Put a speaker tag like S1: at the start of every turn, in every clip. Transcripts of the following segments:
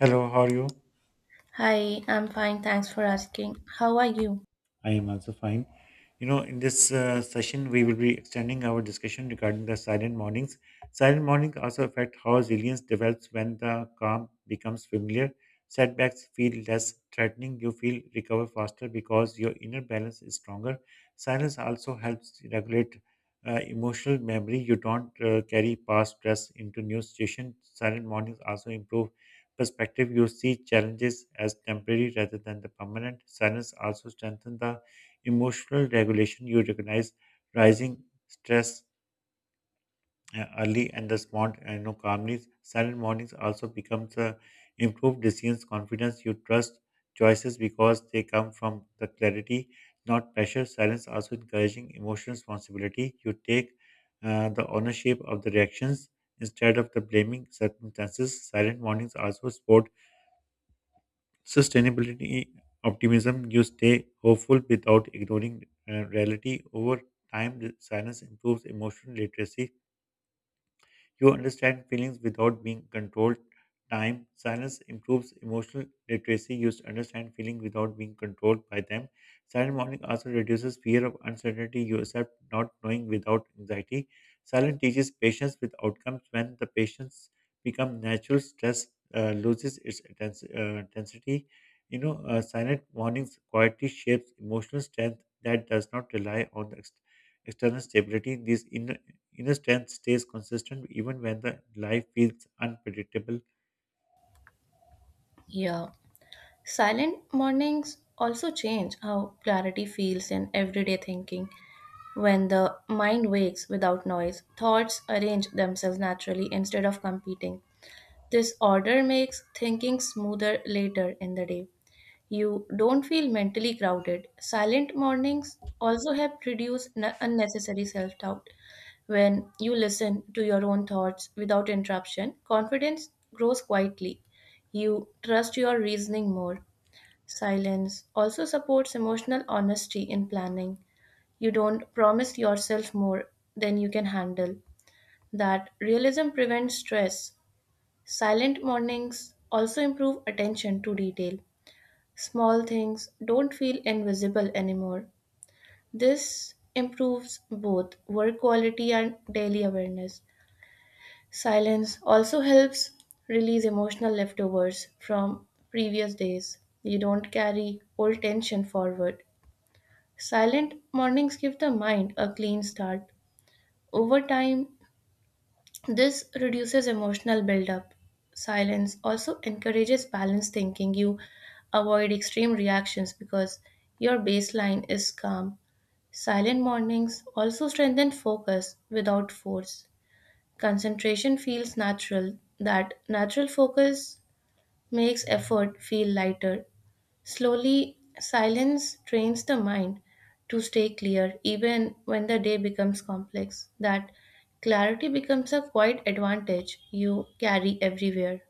S1: Hello, how are you?
S2: Hi, I'm fine. Thanks for asking. How are you?
S1: I am also fine. In this session, we will be extending our discussion regarding the silent mornings. Silent mornings also affect how resilience develops when the calm becomes familiar. Setbacks feel less threatening. You feel recover faster because your inner balance is stronger. Silence also helps regulate emotional memory. You don't carry past stress into new situations. Silent mornings also improve perspective, you see challenges as temporary rather than the permanent. Silence also strengthens the emotional regulation. You recognize rising stress early and respond small and no calmly. Silent mornings also becomes a improved decisions, confidence. You trust choices because they come from the clarity, not pressure. Silence also encouraging emotional responsibility. You take the ownership of the reactions instead of the blaming circumstances. Silent mornings also support sustainability optimism you stay hopeful without ignoring reality over time the silence improves emotional literacy you understand feelings without being controlled. Time silence improves emotional literacy. You understand feelings without being controlled by them. Silent morning also reduces fear of uncertainty. You accept not knowing without anxiety. Silent teaches patience with outcomes. When the patience become natural, stress loses its intensity. Silent mornings quietly shapes emotional strength that does not rely on the external stability. These inner strength stays consistent even when the life feels unpredictable.
S2: Yeah. Silent mornings also change how clarity feels in everyday thinking. When the mind wakes without noise, thoughts arrange themselves naturally instead of competing. This order makes thinking smoother later in the day. You don't feel mentally crowded. Silent mornings also help reduce unnecessary self doubt. When you listen to your own thoughts without interruption, confidence grows quietly. You trust your reasoning more. Silence also supports emotional honesty in planning. You don't promise yourself more than you can handle. That realism prevents stress. Silent mornings also improve attention to detail. Small things don't feel invisible anymore. This improves both work quality and daily awareness. Silence also helps release emotional leftovers from previous days. You don't carry old tension forward. Silent mornings give the mind a clean start. Over time, this reduces emotional buildup. Silence also encourages balanced thinking. You avoid extreme reactions because your baseline is calm. Silent mornings also strengthen focus without force. Concentration feels natural. That natural focus makes effort feel lighter. Slowly, silence trains the mind to stay clear even when the day becomes complex. That clarity becomes a quiet advantage you carry everywhere.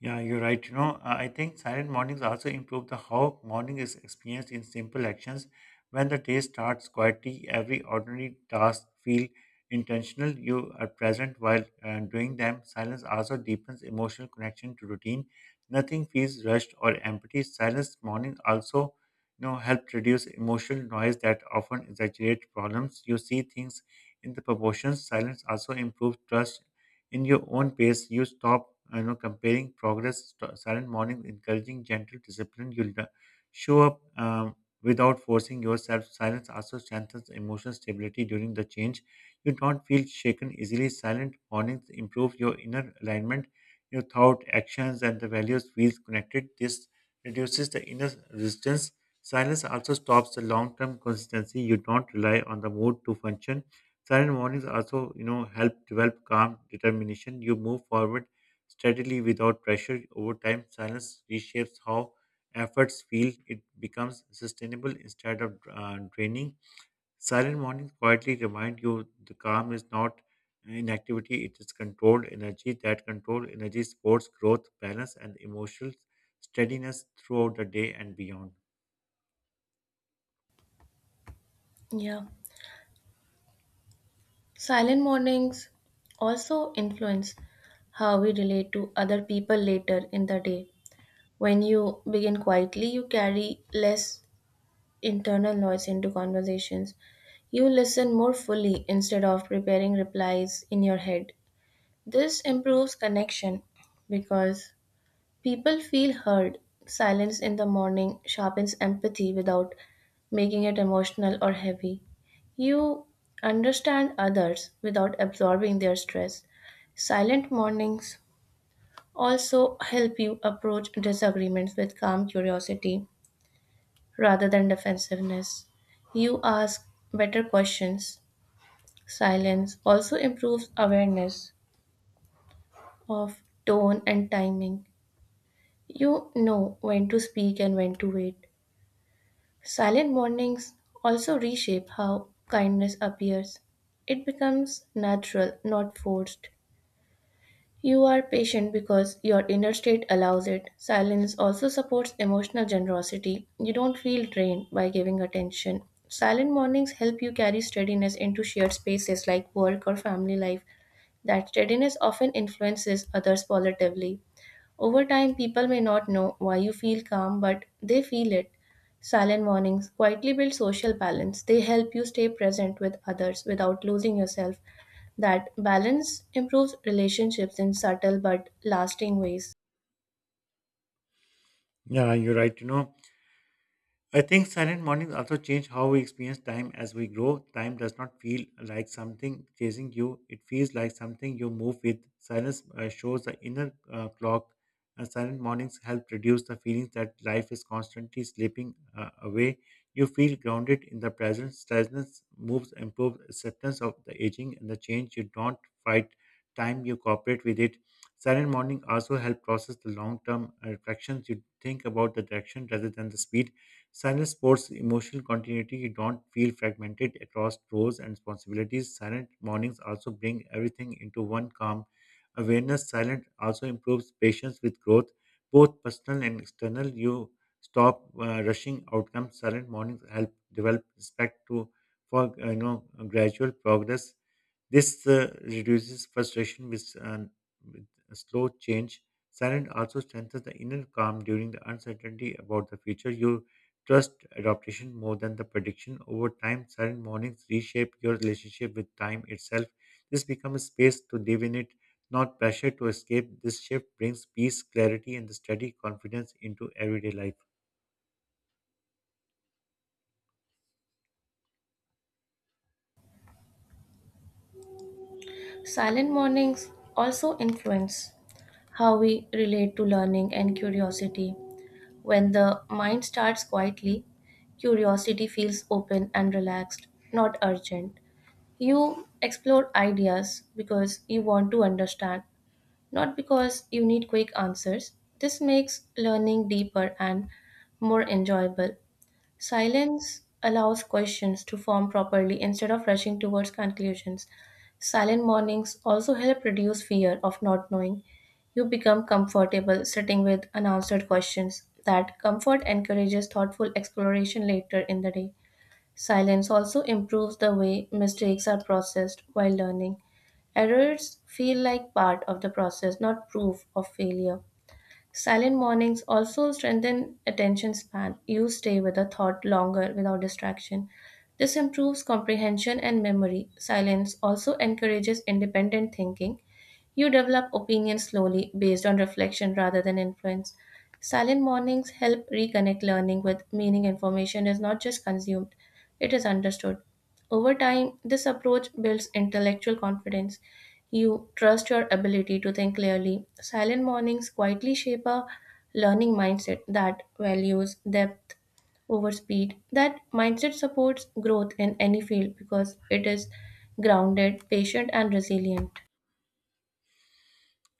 S1: Yeah, you're right. I think silent mornings also improve the how morning is experienced in simple actions. When the day starts quietly, every ordinary task feel intentional. You are present while doing them. Silence also deepens emotional connection to routine. Nothing feels rushed or empty. Silence morning also, help reduce emotional noise that often exaggerate problems. You see things in the proportions. Silence also improves trust in your own pace. You stop, comparing progress, silent morning, encouraging gentle discipline. You'll show up without forcing yourself. Silence also strengthens emotional stability during the change. You don't feel shaken easily. Silent mornings improve your inner alignment. Your thought, actions, and the values feels connected. This reduces the inner resistance. Silence also stops the long-term consistency. You don't rely on the mood to function. Silent mornings also, help develop calm determination. You move forward steadily without pressure. Over time, silence reshapes how efforts feel. It becomes sustainable instead of draining. Silent mornings quietly remind you the calm is not inactivity; it is controlled energy. That controlled energy supports growth, balance, and emotional steadiness throughout the day and beyond.
S2: Yeah. Silent mornings also influence how we relate to other people later in the day. When you begin quietly, you carry less internal noise into conversations. You listen more fully instead of preparing replies in your head. This improves connection because people feel heard. Silence in the morning sharpens empathy without making it emotional or heavy. You understand others without absorbing their stress. Silent mornings also help you approach disagreements with calm curiosity rather than defensiveness. You ask better questions. Silence also improves awareness of tone and timing. You know when to speak and when to wait. Silent mornings also reshape how kindness appears. It becomes natural, not forced. You are patient because your inner state allows it. Silence also supports emotional generosity. You don't feel drained by giving attention. Silent mornings help you carry steadiness into shared spaces like work or family life. That steadiness often influences others positively. Over time, people may not know why you feel calm, but they feel it. Silent mornings quietly build social balance. They help you stay present with others without losing yourself. That balance improves relationships in subtle but lasting ways.
S1: Yeah, you're right. I think silent mornings also change how we experience time as we grow. Time does not feel like something chasing you, it feels like something you move with. Silence shows the inner clock, and silent mornings help reduce the feelings that life is constantly slipping away. You feel grounded in the present. Silence moves improves acceptance of the aging and the change. You don't fight time, you cooperate with it. Silent morning also help process the long-term reflections. You think about the direction rather than the speed. Silence sports emotional continuity. You don't feel fragmented across roles and responsibilities. Silent mornings also bring everything into one calm awareness. Silent also improves patience with growth, both personal and external. You stop rushing outcomes. Silent mornings help develop respect to for gradual progress. This reduces frustration with a slow change. Silence also strengthens the inner calm during the uncertainty about the future. You trust adaptation more than the prediction. Over time, silent mornings reshape your relationship with time itself. This becomes a space to live in it, not pressure to escape. This shift brings peace, clarity, and the steady confidence into everyday life.
S2: Silent mornings also influence how we relate to learning and curiosity. When the mind starts quietly, curiosity feels open and relaxed, not urgent. You explore ideas because you want to understand, not because you need quick answers. This makes learning deeper and more enjoyable. Silence allows questions to form properly instead of rushing towards conclusions. Silent mornings also help reduce fear of not knowing. You become comfortable sitting with unanswered questions. That comfort encourages thoughtful exploration later in the day. Silence also improves the way mistakes are processed while learning. Errors feel like part of the process, not proof of failure. Silent mornings also strengthen attention span. You stay with a thought longer without distraction. This improves comprehension and memory. Silence also encourages independent thinking. You develop opinions slowly based on reflection rather than influence. Silent mornings help reconnect learning with meaning. Information is not just consumed, it is understood. Over time, this approach builds intellectual confidence. You trust your ability to think clearly. Silent mornings quietly shape a learning mindset that values depth over speed. That mindset supports growth in any field because it is grounded, patient, and resilient.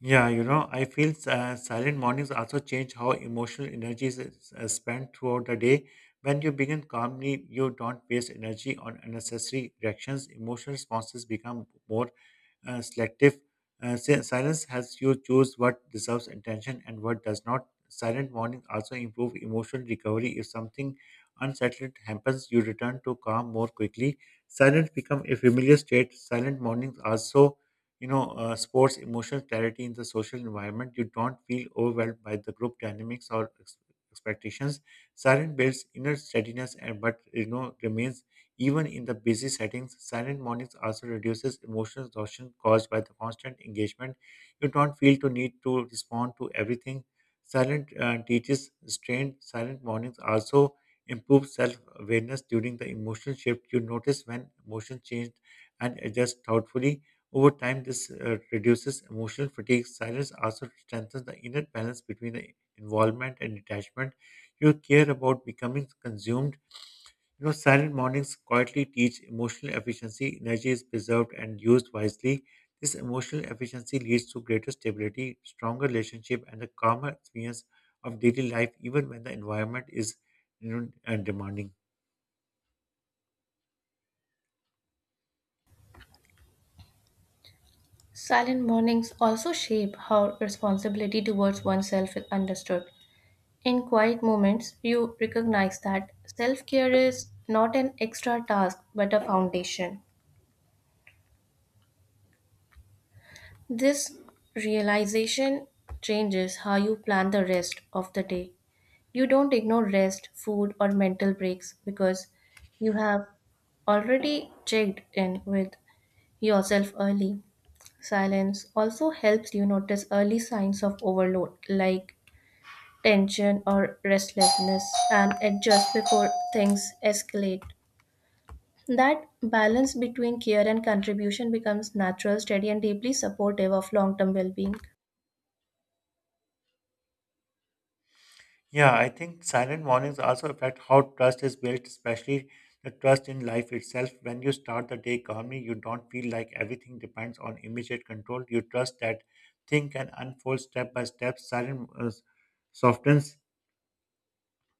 S1: Yeah, I feel silent mornings also change how emotional energy is spent throughout the day. When you begin calmly, you don't waste energy on unnecessary reactions. Emotional responses become more selective. Silence helps you choose what deserves attention and what does not. Silent mornings also improve emotional recovery. If something unsettled happens, you return to calm more quickly. Silence become a familiar state. Silent mornings also, sports emotional clarity in the social environment. You don't feel overwhelmed by the group dynamics or expectations. Silence builds inner steadiness and but remains even in the busy settings, silent mornings also reduces emotional exhaustion caused by the constant engagement. You don't feel to need to respond to everything. Silent teaches restraint. Silent mornings also improve self-awareness during the emotional shift. You notice when emotions change and adjust thoughtfully. Over time, this reduces emotional fatigue. Silence also strengthens the inner balance between the involvement and detachment. You care about becoming consumed, silent mornings quietly teach emotional efficiency, energy is preserved and used wisely. This emotional efficiency leads to greater stability, stronger relationship, and a calmer experience of daily life, even when the environment is, demanding.
S2: Silent mornings also shape how responsibility towards oneself is understood. In quiet moments, you recognize that self care is not an extra task but a foundation. This realization changes how you plan the rest of the day. You don't ignore rest, food, or mental breaks because you have already checked in with yourself early. Silence also helps you notice early signs of overload like tension or restlessness and adjust before things escalate. That balance between care and contribution becomes natural, steady, and deeply supportive of long term well being.
S1: Yeah, I think silent mornings also affect how trust is built, especially the trust in life itself. When you start the day calmly, you don't feel like everything depends on immediate control. You trust that thing can unfold step by step. Silent softens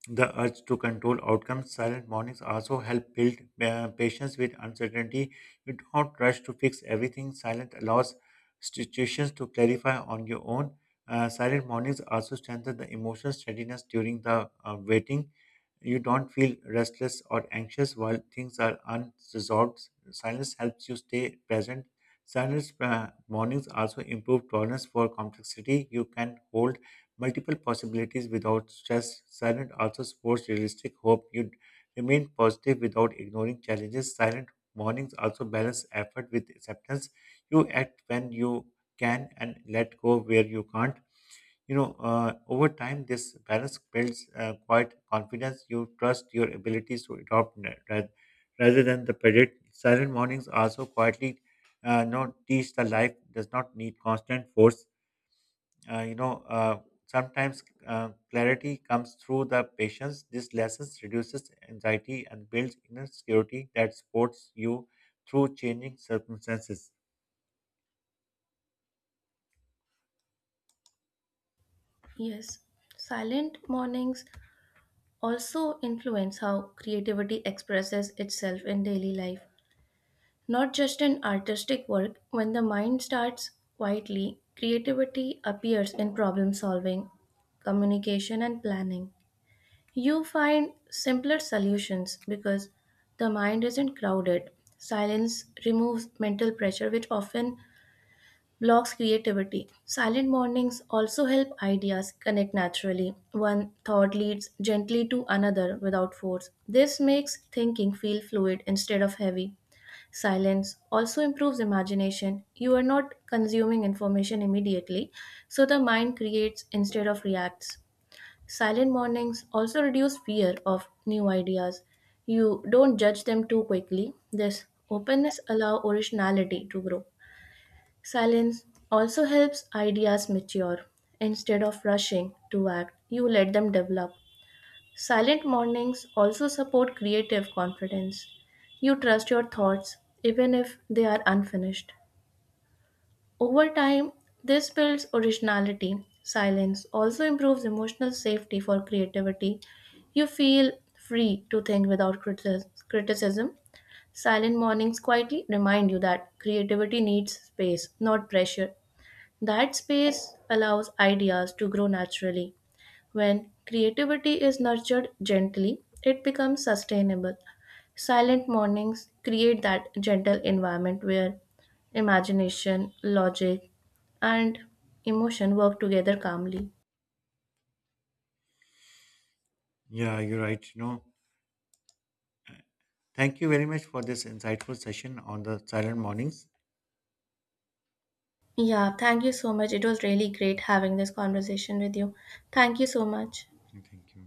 S1: the urge to control outcomes, silent mornings also help build patience with uncertainty. You don't rush to fix everything. Silent allows situations to clarify on your own. Silent mornings also strengthen the emotional steadiness during the waiting. You don't feel restless or anxious while things are unresolved. Silence helps you stay present. Silent mornings also improve tolerance for complexity. You can hold multiple possibilities without stress. Silent also supports realistic hope. You remain positive without ignoring challenges. Silent mornings also balance effort with acceptance. You act when you can and let go where you can't. Over time, this balance builds quite confidence. You trust your abilities to rather than the predict. Silent mornings also quietly not teach the life does not need constant force, uh, you know, uh, sometimes clarity comes through the patience. This lessons reduces anxiety and builds inner security that supports you through changing circumstances.
S2: Yes, silent mornings also influence how creativity expresses itself in daily life. Not just in artistic work, when the mind starts quietly, creativity appears in problem solving, communication, and planning. You find simpler solutions because the mind isn't crowded. Silence removes mental pressure, which often blocks creativity. Silent mornings also help ideas connect naturally. One thought leads gently to another without force. This makes thinking feel fluid instead of heavy. Silence also improves imagination. You are not consuming information immediately, so the mind creates instead of reacts. Silent mornings also reduce fear of new ideas. You don't judge them too quickly. This openness allows originality to grow. Silence also helps ideas mature. Instead of rushing to act, you let them develop. Silent mornings also support creative confidence. You trust your thoughts, even if they are unfinished. Over time, this builds originality. Silence also improves emotional safety for creativity. You feel free to think without criticism. Silent mornings quietly remind you that creativity needs space, not pressure. That space allows ideas to grow naturally. When creativity is nurtured gently, it becomes sustainable. Silent mornings create that gentle environment where imagination, logic, and emotion work together calmly.
S1: Yeah, you're right. Thank you very much for this insightful session on the silent mornings.
S2: Yeah, thank you so much. It was really great having this conversation with you. Thank you so much.
S1: Thank you.